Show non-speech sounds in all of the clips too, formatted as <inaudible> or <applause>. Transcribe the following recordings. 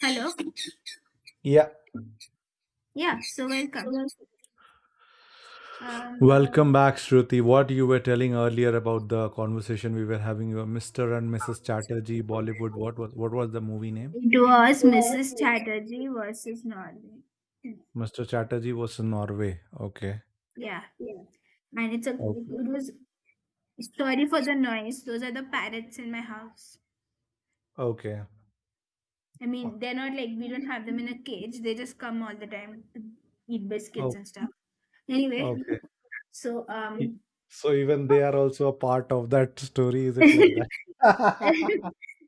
Hello. Yeah. Yeah, so welcome. Um, Welcome back, Shruti. What you were telling earlier about the conversation we were having, Mr. and Mrs. Chatterjee, Bollywood. What was the movie name? it was Mrs. Chatterjee versus Norway. Mr. Chatterjee was in Norway. Okay. Yeah, and it's a it Okay. was sorry for the noise. Those are the parrots in my house. Okay. I mean, they're not like we don't have them in a cage. They just come all the time to eat biscuits Oh, and stuff. Anyway, okay. so E- um, So even they are also a part of that story. Is it like that? <laughs>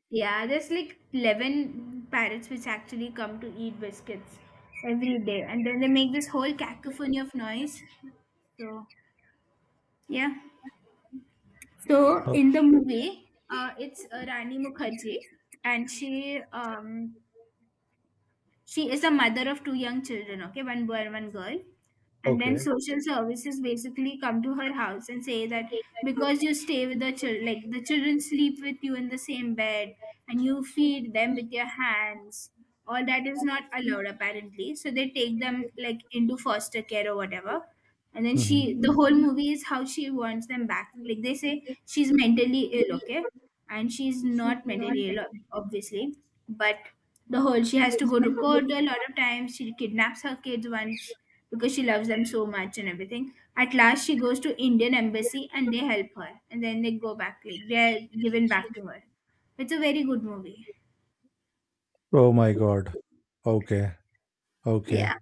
yeah, there's like 11 parrots which actually come to eat biscuits every day, and then they make this whole cacophony of noise. So yeah. So Oh, in the movie, it's Rani Mukherjee, and she is a mother of two young children. Okay, one boy and one girl. And then okay. social services basically come to her house and say that because you stay with the children, like the children sleep with you in the same bed and you feed them with your hands, all that is not allowed apparently. So they take them like into foster care or whatever. And then she Mhm. the whole movie is how she wants them back. Like they say she's mentally ill, okay, and she's not mentally ill obviously, but the whole, she has to go to court a lot of times. She kidnaps her kids once because she loves them so much, and everything at last, she goes to Indian embassy and they help her, and then they go back, like, they're given back to her. It's a very good movie. Oh my God. Okay. Okay. Yeah.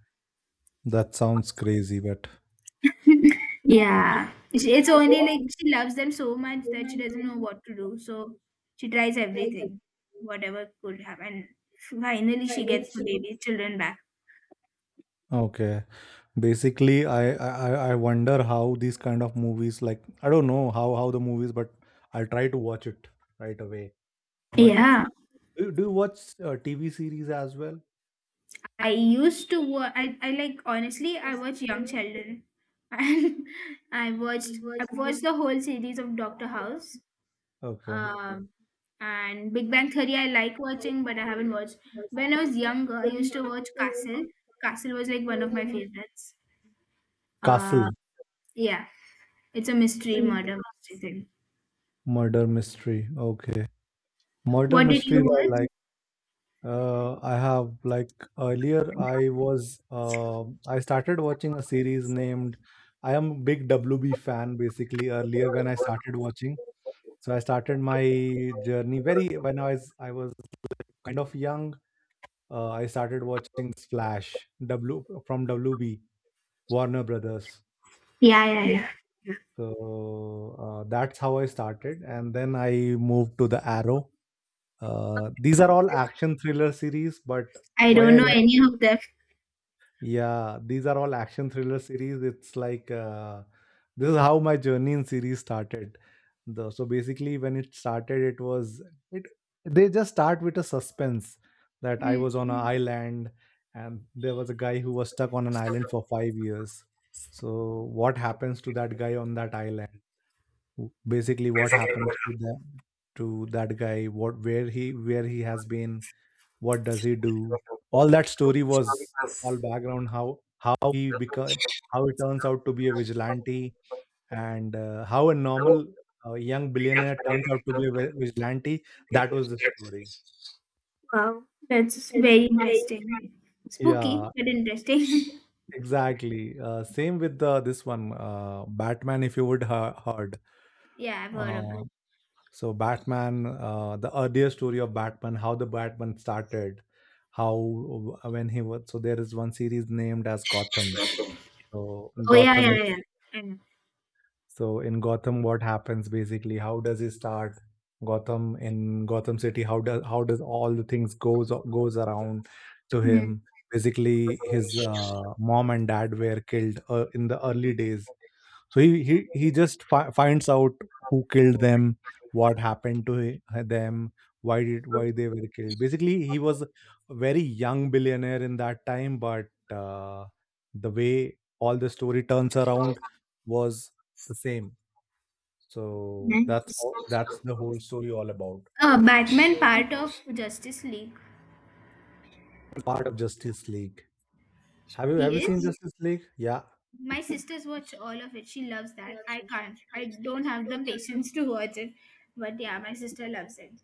That sounds crazy, but Yeah. It's only like she loves them so much that she doesn't know what to do. So she tries everything, whatever could happen. Finally, she gets the baby children back. okay. Basically, I wonder how these kind of movies like I don't know how the movies, but I'll try to watch it right away. But Yeah. do you watch TV series as well? I used to watch, I like, honestly, I watch Young Sheldon. <laughs> And I watched the whole series of Doctor House. Okay. Um, and Big Bang Theory, I like watching, but I haven't watched. When I was younger, I used to watch Castle. Castle was like one of my favorites. Uh, Castle, yeah. It's a mystery murder mystery thing. Murder Mystery. Okay. Murder What did you Mysteries I watch? like. I have like earlier I was I started watching a series named I am a big WB fan basically earlier when I started watching. So I started my journey very when I was kind of young. I started watching Splash W from WB, Warner Brothers. Yeah, yeah, yeah. So that's how I started, and then I moved to the Arrow. These are all action thriller series, but I why don't I know like any of them. yeah, these are all action thriller series. It's like this is how my journey in series started. So basically, when it started, it was it. They just start with a suspense that I Hmm. was on an island, and there was a guy who was stuck on an island for 5 years. So what happens to that guy on that island? Basically, what happens to them to that guy? What where he has been? What does he do? All that story was all background, how he become, how he turns out to be a vigilante, and how a normal young billionaire turns out to be a vigilante. That was the story. Wow, that's very interesting. Spooky, Yeah, but interesting. <laughs> exactly. Same with the this one, Batman, if you would heard. Yeah, I've heard of it. uh, so Batman, the earlier story of Batman, how the Batman started, how when he was, so there is one series named as Gotham. So Oh, yeah, Gotham. yeah, yeah. I know. So in Gotham, what happens basically? How does he start Gotham, in Gotham City? How does all the things goes around to Hmm. him? Basically, his mom and dad were killed in the early days. So he just finds out who killed them, what happened to them, why they were killed. Basically, he was a very young billionaire in that time, but uh, the way all the story turns around was the same. So that's Nice. all, that's the whole story all about. Batman part of Justice League. Part of Justice League. Have you He seen is. Justice League? Yeah. My sisters watch all of it. She loves that. I can't. I don't have the patience to watch it. But yeah, my sister loves it.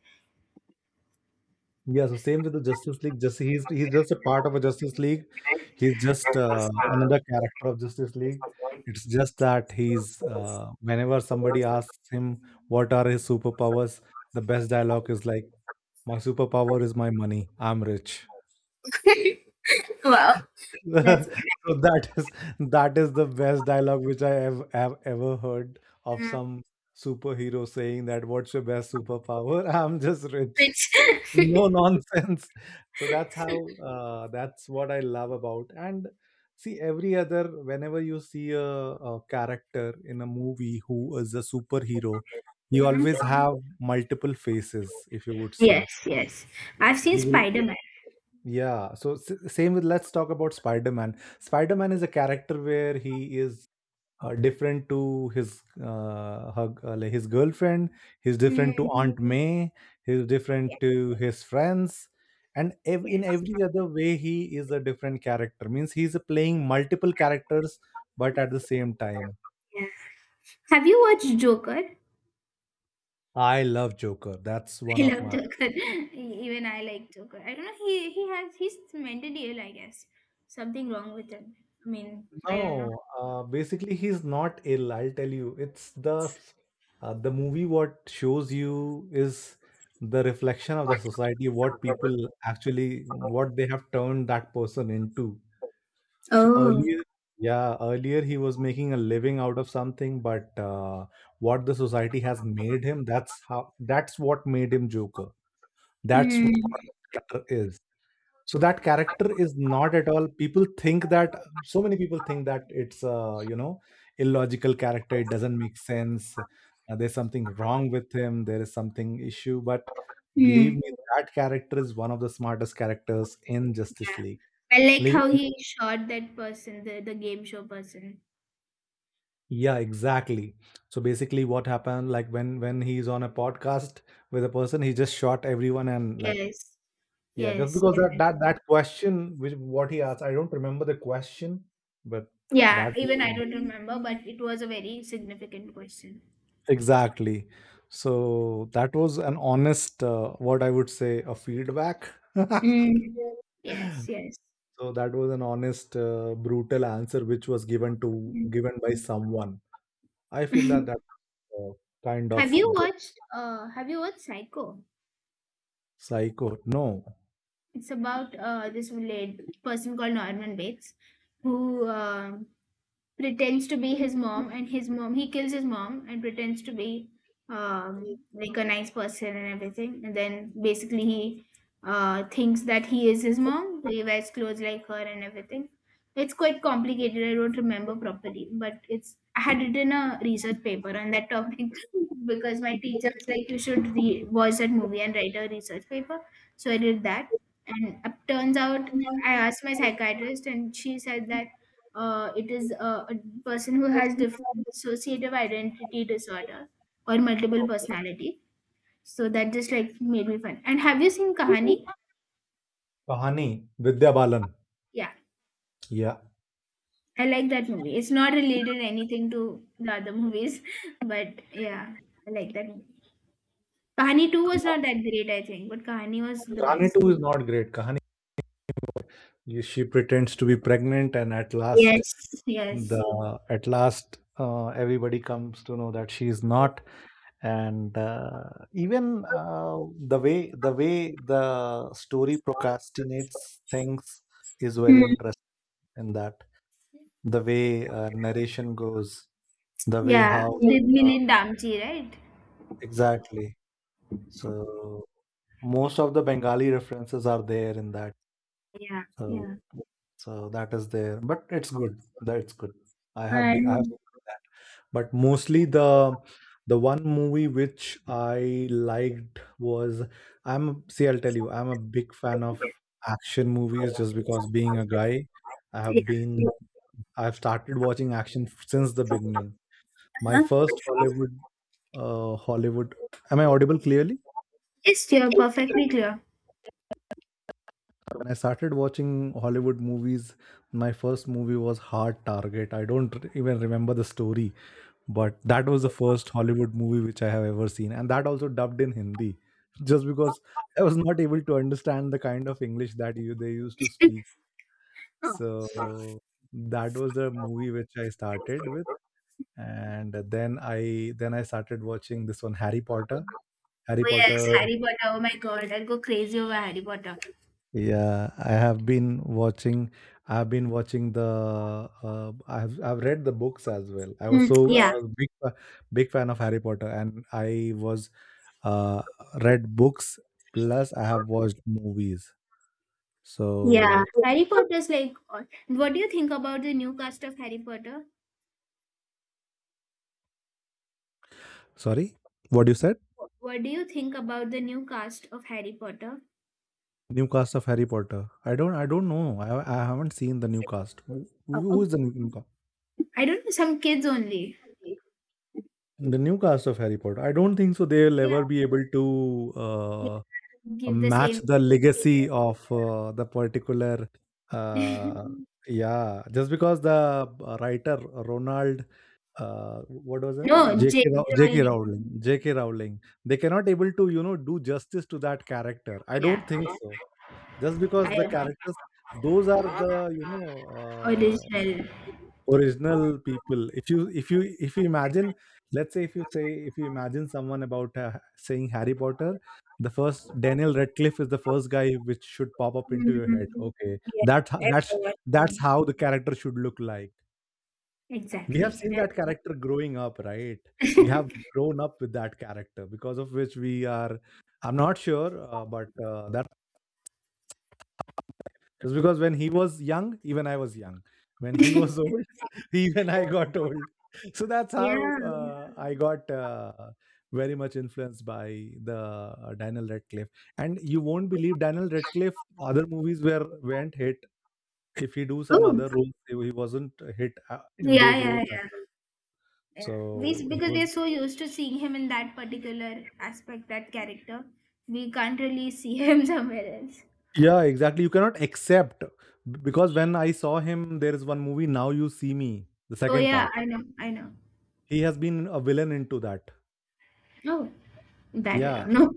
Yeah, so same with the Justice League. Just he's just a part of a Justice League. He's just another character of Justice League. It's just that he's whenever somebody asks him what are his superpowers, the best dialogue is like, "My superpower is my money. I'm rich." Wow, that's <laughs> So that is the best dialogue which I have ever heard of Hmm. some superhero saying that what's your best superpower? <laughs> I'm just rich. rich. No nonsense. So that's how that's what I love about. And see every other, whenever you see a character in a movie who is a superhero, he always <laughs> have multiple faces if you would see. Yes, yes. I've seen He will, Spider-Man. yeah, so same with, let's talk about Spider-Man. Spider-Man is a character where he is different to his like his girlfriend, he's different to Mm, Aunt May, he's yes, different to his friends, and in yes. every other way he is a different character. Means he's playing multiple characters but at the same time. Yeah. Have you watched Joker? I love Joker. That's <laughs> I one of love my. Joker. <laughs> Even I like Joker. I don't know. He's mentally ill, I guess. Something wrong with him. I mean, I don't know. No, basically he's not ill. I'll tell you, it's the movie. What shows you is the reflection of the society, what people actually, what they have turned that person into. So Oh. earlier, yeah, earlier he was making a living out of something, but what the society has made him, that's how, that's what made him Joker. That's what Mm, Joker is. So that character is not at all, people think that, so many people think that it's a illogical character, it doesn't make sense, there's something wrong with him, there is something issue, but believe mm. me, that character is one of the smartest characters in Yeah. Justice League. I liked Like- how he shot that person, the game show person. yeah, exactly. So basically what happened, like when he's on a podcast with a person, he just shot everyone and like. Yes. Yeah, just Yes. because that Definitely. that that question, which what he asked, I don't remember the question, but Yeah. that. Even I Mm, don't remember, but it was a very significant question. exactly. So that was an honest, what I would say, a feedback. <laughs> Mm. Yes. Yes. So that was an honest, brutal answer which was given to, given by someone. I feel that Mm. <laughs> Uh, kind of good. Have you watched Psycho? Psycho. No. It's about this lad person called Norman Bates who pretends to be his mom, and his mom he kills his mom and pretends to be um like a nice person and everything, and then basically he thinks that he is his mom. So he wears clothes like her and everything. It's quite complicated. I don't remember properly, but it's, I had written a research paper on that topic <laughs> because my teacher was like, you should watch that movie and write a research paper. So I did that, and it turns out I asked my psychiatrist and she said that it is a person who has dissociative identity disorder or multiple personality. So that just like made me fun. And have you seen Kahani? Kahani, Vidya Balan. Yeah, Yeah, I like that movie. It's not related anything to the other movies, <laughs> but yeah, I like that movie. Kahani 2 was not that great, I think, but Kahani was the Kahani best. too is not great. Kahani, she pretends to be pregnant, and at last Yes, yes. the at last everybody comes to know that she is not. And even the way the way the story procrastinates things is very Hmm. interesting in that, the way narration goes, the way Yeah, how, did uh, Milin Damji, right? exactly. So most of the Bengali references are there in that. Yeah, So yeah. so that is there, but it's good. That's good. I have been. I have And seen that. But mostly the one movie which I liked was, I'm see I'll tell you, I'm a big fan of action movies, just because being a guy I yeah, have been, I've started watching action since the beginning. My first Hollywood, uh Hollywood am I audible clearly? it's clear, perfectly clear. When I started watching Hollywood movies, my first movie was Hard Target. I don't even remember the story, but that was the first Hollywood movie which I have ever seen, and that also dubbed in Hindi, just because I was not able to understand the kind of English that you they used to speak. <laughs> So that was the movie which I started with, and then I started watching this one, Harry Potter. Harry Oh yes, Potter, Harry Potter. Oh my God, I'll go crazy over Harry Potter. yeah, I have been watching. I've been watching the. I've read the books as well. I was Hmm, so I yeah, was big fan of Harry Potter, and I was uh, read books plus I have watched movies. yeah. So Harry Potter's like, what do you think about the new cast of Harry Potter? sorry, what you said? What do you think about the new cast of Harry Potter? New cast of Harry Potter. I don't know. I haven't seen the new cast. Who, Uh, uh, who is the new, new cast? I don't know, some kids only. The new cast of Harry Potter. I don't think so. They'll Yeah, ever be able to, yeah. uh, Give the same. match the legacy Experience. of the particular, Mm. yeah, just because the writer, Ronald, what was <laughs> it, No, J.K. Rowling. JK Rowling, they cannot able to, you know, do justice to that character, I Yeah, don't think so, just because I the agree. characters those are the, you know, uh, Original. original people. If you if you imagine, let's say if you say, if you imagine someone about saying Harry Potter, the first, Daniel Radcliffe is the first guy which should pop up into your head. Mm, Okay, yeah, that's everyone. how the character should look like. We have Exactly. seen <laughs> that character growing up, right? We have grown up with that character, because of which we are, I'm not sure, but that's. It's because when he was young, even I was young. When he was old, <laughs> even I got old. So that's how Yeah. I got very much influenced by the Daniel Radcliffe. And you won't believe, Daniel Radcliffe, other movies were weren't hit. If he do some Oh, other roles, he wasn't hit in yeah, those yeah, roles as yeah. well. Yeah. We, So he because we was, are so used to seeing him in that particular aspect, that character, we can't really see him <laughs> somewhere else. yeah, exactly. You cannot accept, because when I saw him, there is one movie, Now You See Me, the Oh second yeah, part. I know, I know. He has been a villain into that. Oh, that I Yeah, don't know.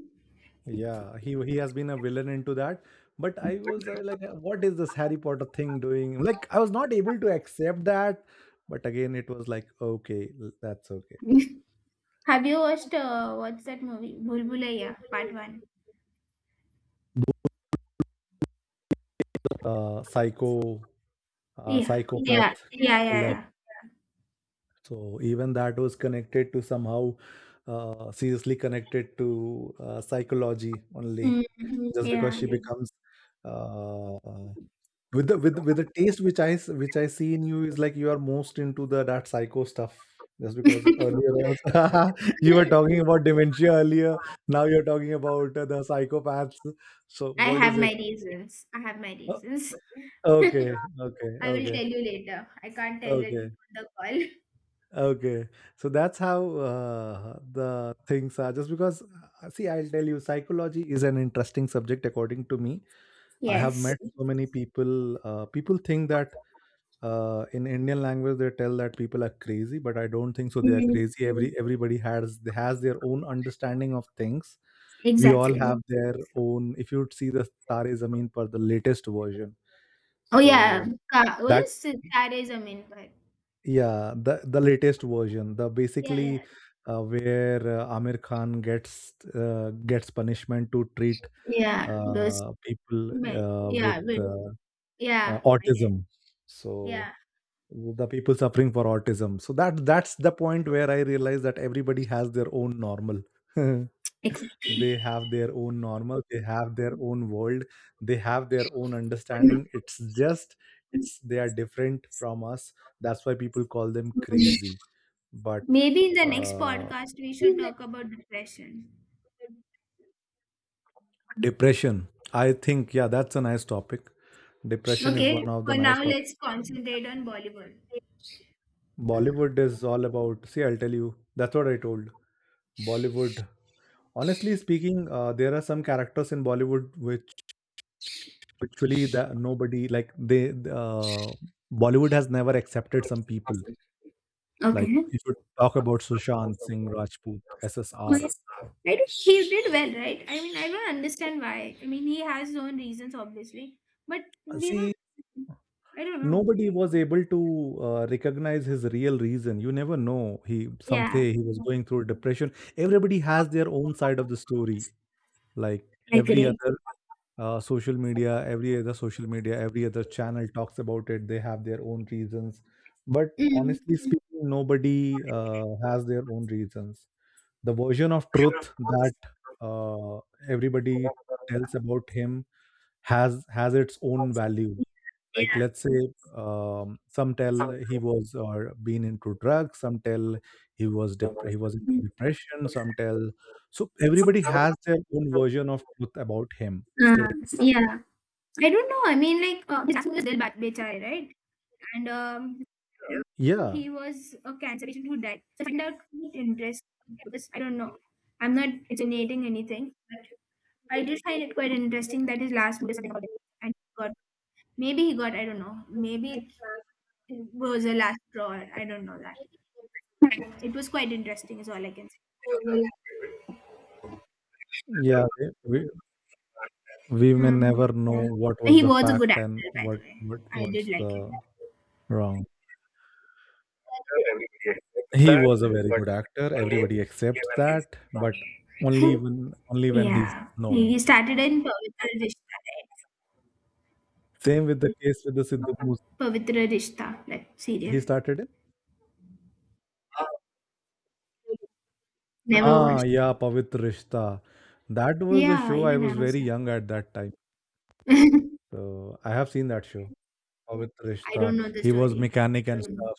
yeah, he has been a villain into that. But I was I like, what is this Harry Potter thing doing? Like, I was not able to accept that. But again, it was like, okay, that's okay. <laughs> Have you watched what's that movie? Bhul Bhulaiya Part One. Psycho, Yeah, yeah, psychopath yeah, yeah, killer. yeah. So even that was connected to somehow, seriously connected to psychology Mm, only, just because yeah, she becomes uh. With the taste which I which I see in you is like you are most into the that psycho stuff. Just because earlier was, <laughs> you were yeah. talking about dementia earlier, now you're talking about the psychopaths. So <laughs> I what have is my it? reasons. I have my Uh, reasons. <laughs> Okay, I okay, will okay, tell you later. I can't tell it okay, on the call. <laughs> okay. So that's how the things are. Just because, see, I'll tell you, psychology is an interesting subject according to me. I have Yes. met so many people. People think that in Indian language they tell that people are crazy, but I don't think so. They are Mm, crazy. Everybody has their own understanding of things. We all exactly. have their own. If you would see the Tare Zameen Par, the latest version, Oh, yeah, so ka what that is "Sitare Zameen Par." yeah, the latest version, the Yeah, yeah. basically where Amir Khan gets gets punishment to treat Yeah, those people me with yeah, but yeah, I get autism. So yeah. the people suffering for autism so that that's the point where I realize that everybody has their own normal. <laughs> Ex They have their own normal, they have their own world, they have their own mm, understanding. It's just it's they are different from us. That's why people call them mm. crazy. But Maybe in the next uh podcast, we should talk about depression. depression, I think yeah, that's a nice topic. Depression is Okay, one of the for nice now, topic. let's concentrate on Bollywood. Bollywood is all about, see, I'll tell you, that's what I told. Bollywood. Honestly speaking, there are some characters in Bollywood which actually that nobody like they Bollywood has never accepted some people. Like Okay. if you talk about Sushant Singh Rajput, Who SSR, is- I don't- He did well, right? I mean, I don't understand why. I mean, he has his own reasons, obviously, but we were see I don't know. nobody was able to recognize his real reason. You never know. He some Yeah, say he was going through depression. Everybody has their own side of the story. Like I every agree. other social media, every other channel talks about it. They have their own reasons, but Mm, honestly speaking nobody has their own reasons. The version of truth that uh, everybody tells about him has its own value. Like yeah. let's say some tell he was or been into drugs, some tell he was into depression, some tell. So everybody has their own version of truth about him. Uh, State. yeah, I don't know. I mean, like, his last name was Bechai, right? And Yeah. he was a cancer patient who died. So I find out quite interesting because I don't know. I'm not insinuating anything, but I did find it quite interesting that his last book is something about it. And he got, maybe he got, I don't know. Maybe it was a last draw. I don't know that. But it was quite interesting. Is all I can say. Yeah, we, we we may Mm, never know yeah. what was He the was a good fact and actor, by the what way. what I did what's like him. the wrong. He was a very good actor. Everybody accepts that, but only when he's Yeah, known. he started in Pavitra Rishta, right? Same with the case with the Sidhu Moose. Pavitra Rishta, like serial. He started in. Never Ah, watched it. yeah, Pavitra Rishta. That was the Yeah, show. I even I was was very young. young at that time. <laughs> So I have seen that show. With I Rishta. don't know the He was story. mechanic I and don't know. stuff.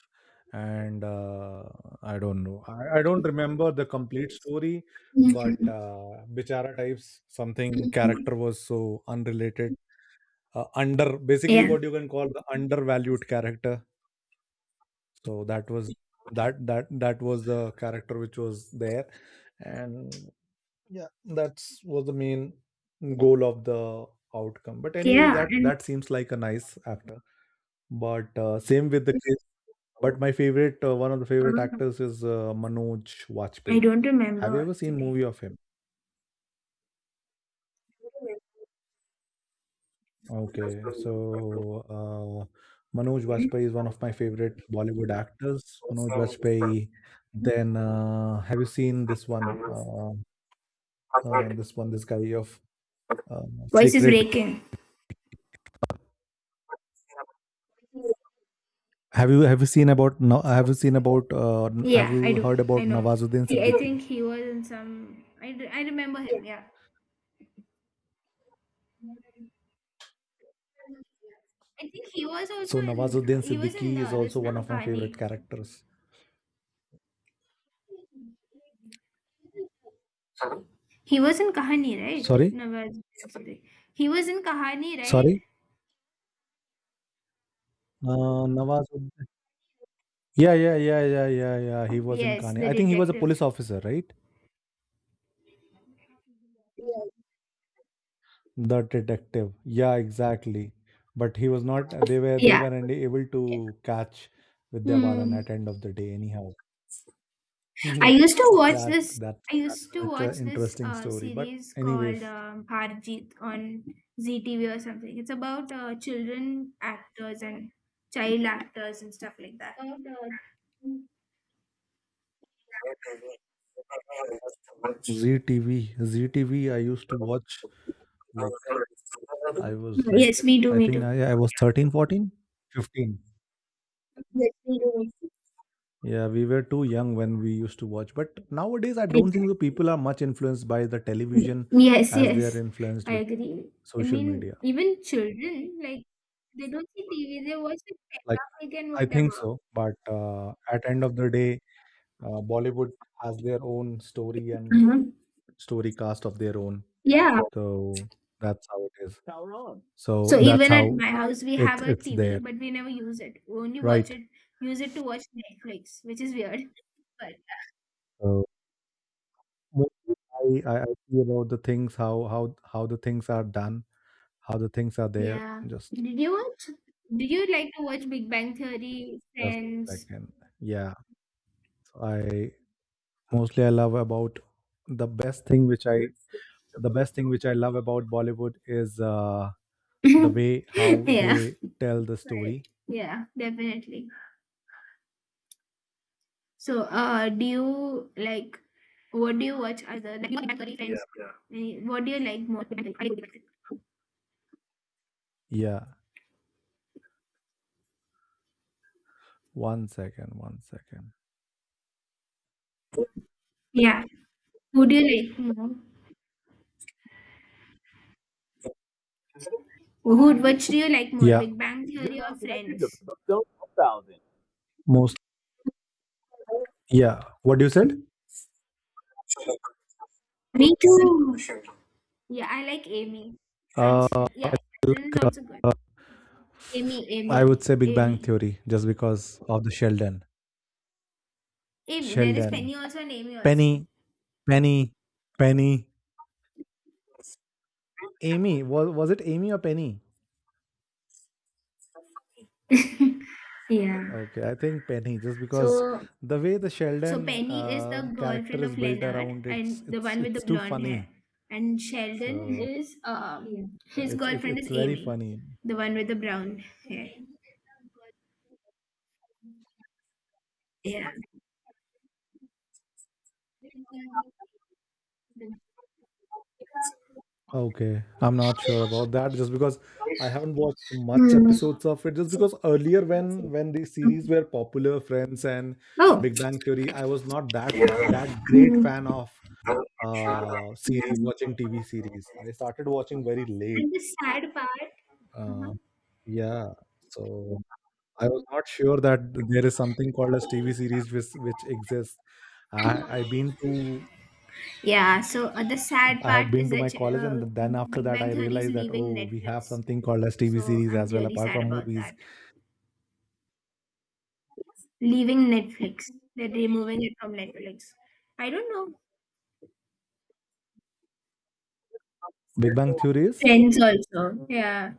And I don't know. I don't remember the complete story, but Mhm. Bichara types something Mhm. character was so unrelated. Under basically Yeah, what you can call the undervalued character. So that was that that was the character which was there, and yeah, that's was the main goal of the outcome. But anyway, yeah, that and that seems like a nice actor. But uh, same with the But my favorite, one of the favorite uh, actors is Manoj I Vajpayee. don't Have remember you ever seen actually. movie of him? Okay, so uh, Manoj Vajpayee is one of my favorite Bollywood actors. Manoj Vajpayee. Then have you seen this one? This one, this guy of uh, Voice is Sacred. breaking. Have you seen about? No, have you seen about? Have Yeah, I you do. heard I about know. Nawazuddin He, I Siddiqui? think he was in some. I remember him. Yeah, I think he was also So in. Nawazuddin He was in Siddiqui is this also na one of my favorite Kani. characters. He was in Kahani, right? Sorry, Nawaz Bakhtiari. He was in Kahani, right? sorry. Nawazuddin. Yeah. He was in Yes, Kane. the I think he was a detective. police officer, right? The detective. Yeah, exactly. But he was not. They Yeah. were able to catch Vidya Balan Hmm. at end of the day, anyhow. <laughs> I Mhm. used to watch That's this. that's I that's used an to watch this interesting story. But series called anyways, Harjeet on ZTV or something. It's about child actors and stuff like that. ZTV, ZTV. I used to watch like I was like Yes, me too, I me think too. I was 13, 14, 15. Yeah, we were too young when we used to watch. But nowadays, I don't think the Exactly. people are much influenced by the television Yes, as they are yes. influenced I with agree. I social mean, media. even children, like, they don't see TV, they watch like Peppa Like, Pig and I think whatever. so. But at end of the day, Bollywood has their own story and Hmm. story cast of their own. Yeah. So that's how it is. So So that's even at how my house, we it, have a it's TV, there, but we never use it. We only watch right? it, use it to watch Netflix, which is weird. <laughs> But So mostly I see about the things, how, how the things are done, how the things are there. yeah. Just. Did you watch? Do you like to watch Big Bang Theory, Just a Friends? second. Yeah, so I mostly I love about the best thing which I the best thing which I love about Bollywood is the way <laughs> how Yeah. they tell the story. Right. Yeah, definitely. So, do you like what do you watch other like Big Bang Theory, Friends? Yeah, yeah. Any- What do you like more? Yeah, one second, one second. Yeah. Who do you like more? Wood, which do you like more, Yeah, Big Bang Theory or Friends? most yeah. What you said? Me too. Sure. Yeah, I like Amy. And Uh, yeah, Sheldon is also good. uh, Amy, I Amy, would say Big Bang Amy, Theory just because of the Sheldon, Amy. There is Sheldon, Penny also and Amy also. Penny, Penny, Penny, Amy. Was it Amy or Penny? Yeah. Okay, I think Penny, just because So, the way the so Sheldon Penny is the girlfriend character is of built Leonard around, it's and the it's one with the it's too blonde hair. funny. And Sheldon So <laughs> is his it's girlfriend is it's very Amy, funny. the one with the brown hair. Yeah. Okay, I'm not sure about that, just because I haven't watched much Mm. episodes of it. Just because earlier, when the series were popular, Friends and Oh. Big Bang Theory, I was not that great Mm. fan of series watching TV series. I started watching very late. And the sad part. Uh-huh. Uh, yeah, so. I was not sure that there is something called as TV series which exists. I I been to Yeah, so the sad I part had been is to my that college, and then after Big that, Bang I Theory is realized that leaving oh, we have Netflix. something called as TV So series I'm as well, really apart sad from about movies. that. Leaving Netflix. They're removing it from Netflix. I don't know. Big Bang Theory is Friends also. Yeah.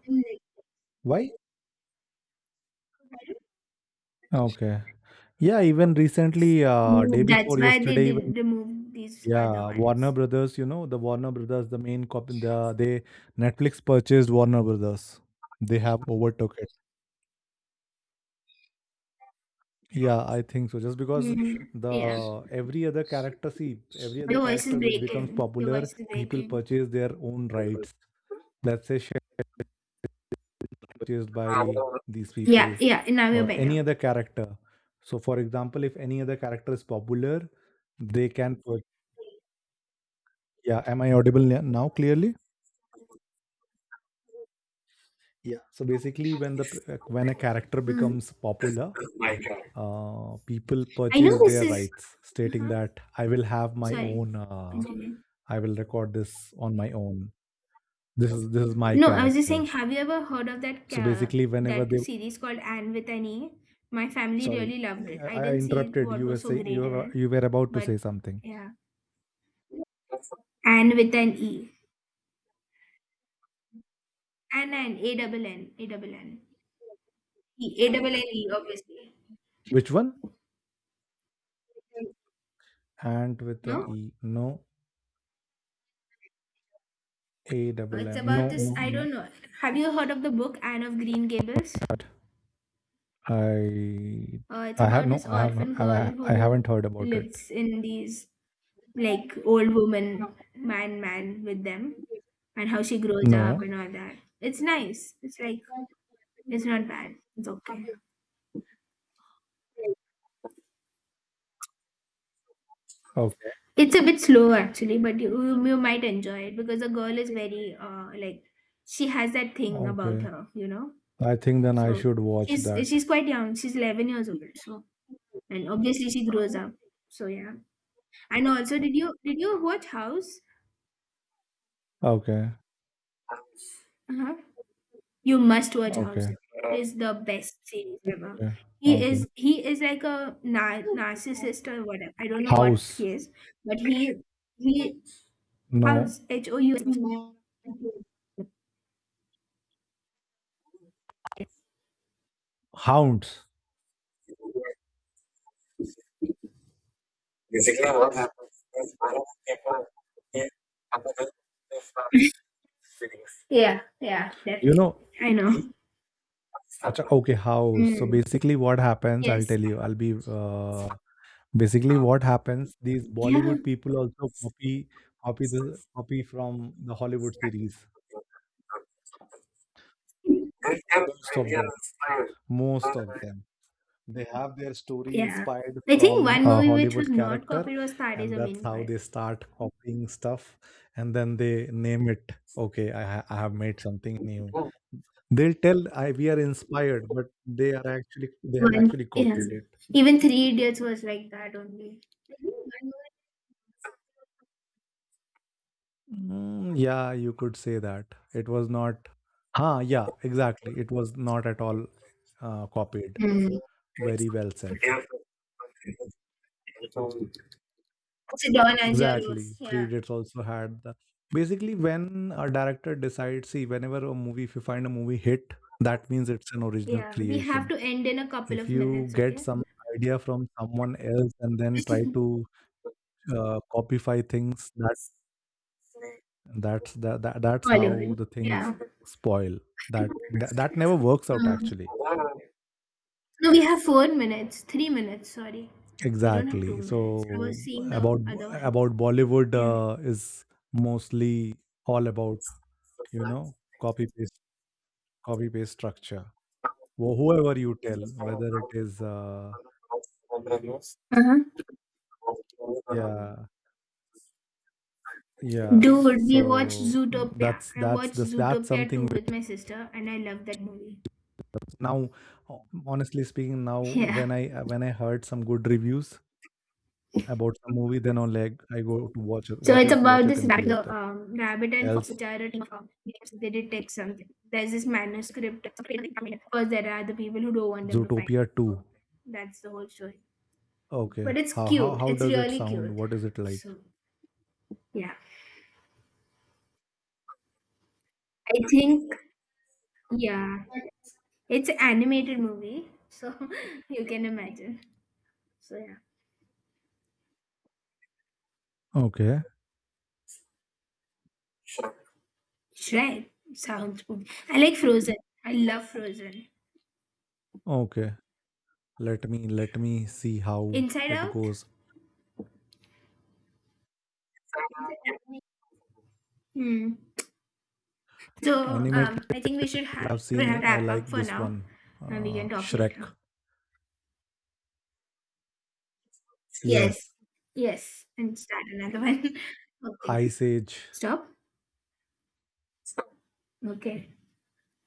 why? Okay, yeah. Even recently, day Mm, that's before why they yesterday, even did remove these other yeah, Warner ones. Brothers. You know the Warner Brothers, the main cop. They Netflix purchased Warner Brothers. They have overtook it. Yeah, I think so. Just because Mm. Yeah. the every other character, see, every other Your voice is character which becomes breaking. Your popular, voice is people breaking. purchase their own rights. Let's say Shrek purchased by these Yeah, people yeah. Now you're or better. any other character. So, for example, if any other character is popular, they can purchase. Yeah, am I audible now clearly? Yeah. So basically, when when a character Mm. becomes popular, people I know purchase this their is. rights, stating Uh-huh. that I will have my Sorry. own. Continue. I will record this on my own. This is my No, I was just character. saying, have you ever heard of So basically, whenever that they series called Anne with an E? My family sorry, really loved it. I I didn't see interrupted. what was so You great in were it, about to but say something. yeah, Anne with an E, Anne and A double N, E, A double N E, obviously. Which one? And with an No, E, no, A double it's N, about this. I don't no. know. Have you heard of the book Anne of Green Gables? But I It's I have about no. this orphan girl I haven't who heard about it. lives in these like old woman, man with them, and how she grows up No. and all that. It's nice. It's like it's not bad. It's okay. Okay. It's a bit slow actually, but you might enjoy it because the girl is very like she has that thing about Okay. her, you know. I think then I So should watch that. she's quite young. She's 11 years old. So and obviously she grows up. So yeah. And also, did you watch House? Okay. Uh-huh. You must watch House. Okay, It is the best series ever. okay, okay. He is like a narcissist or whatever. I don't know what he House. is, but he No. House H O U. Hounds. Yeah, yeah, You definitely. know, I know. i- Acha, okay, house. So Mm. basically what happens, I'll Yes. tell you, I'll be basically what happens, these Yeah. Bollywood people also copy from the Hollywood series. Most of them. Most of them. They have their story Yeah. inspired I think from one a movie which was Hollywood not character, copied was Tare and that's Zameen how Par. they start copying stuff, and then they name it. Okay, I have made something new. They'll tell I we are inspired, but they are actually they have One. actually Yeah. copied it. Even Three Idiots was like that only. Mm, yeah, you could say that. It was not. Huh, yeah, exactly. It was not at all copied. Mm. Very well said. Sidon and Jaros. Exactly. Three Yeah. Idiots also had the basically when a director decides, see, whenever a movie, if you find a movie hit, that means it's an original Yeah. We have creation. to end in a couple If of you minutes, get okay? some idea from someone else and then try to copify things, that that's that, that's how Bollywood. the things Yeah. spoil. That never works out Mm. actually. No, we have 4 minutes. 3 minutes, sorry. We don't have two Exactly. minutes. I So was seeing the about other one. about Bollywood Yeah. Is mostly all about, you know, copy paste copy paste structure. Whoever you tell, whether it is Uh-huh. yeah, yeah, Dude, we watched so Zootopia. I that's watched this that's Zootopia something 2 with my which sister and I love that movie. now ho- honestly speaking now Yeah. when I when I heard some good reviews about some movie then on like I go to So it's watch about it this in rabbit, theater rabbit and fox, else. which are a team of thieves. They detect something. There's this manuscript. Some crazy thing coming in. Of course, there are the people who don't want them to find Zootopia it. 2. So that's the whole story. Okay, But it's how cute. how It's does it really sound? cute. What is it like? So, yeah. I think yeah, it's an animated movie, so <laughs> you can imagine. So yeah, Okay. Shrek sounds good. I like Frozen. I love Frozen. Okay, let me see how Inside it Out. goes. Hmm. So Animated. I think we should have I've we have seen, I wrap up like for this now, one. and we can talk Shrek. later. Yes. Yes. Yes, and start another one. <laughs> Okay. Ice Age. Stop. Okay.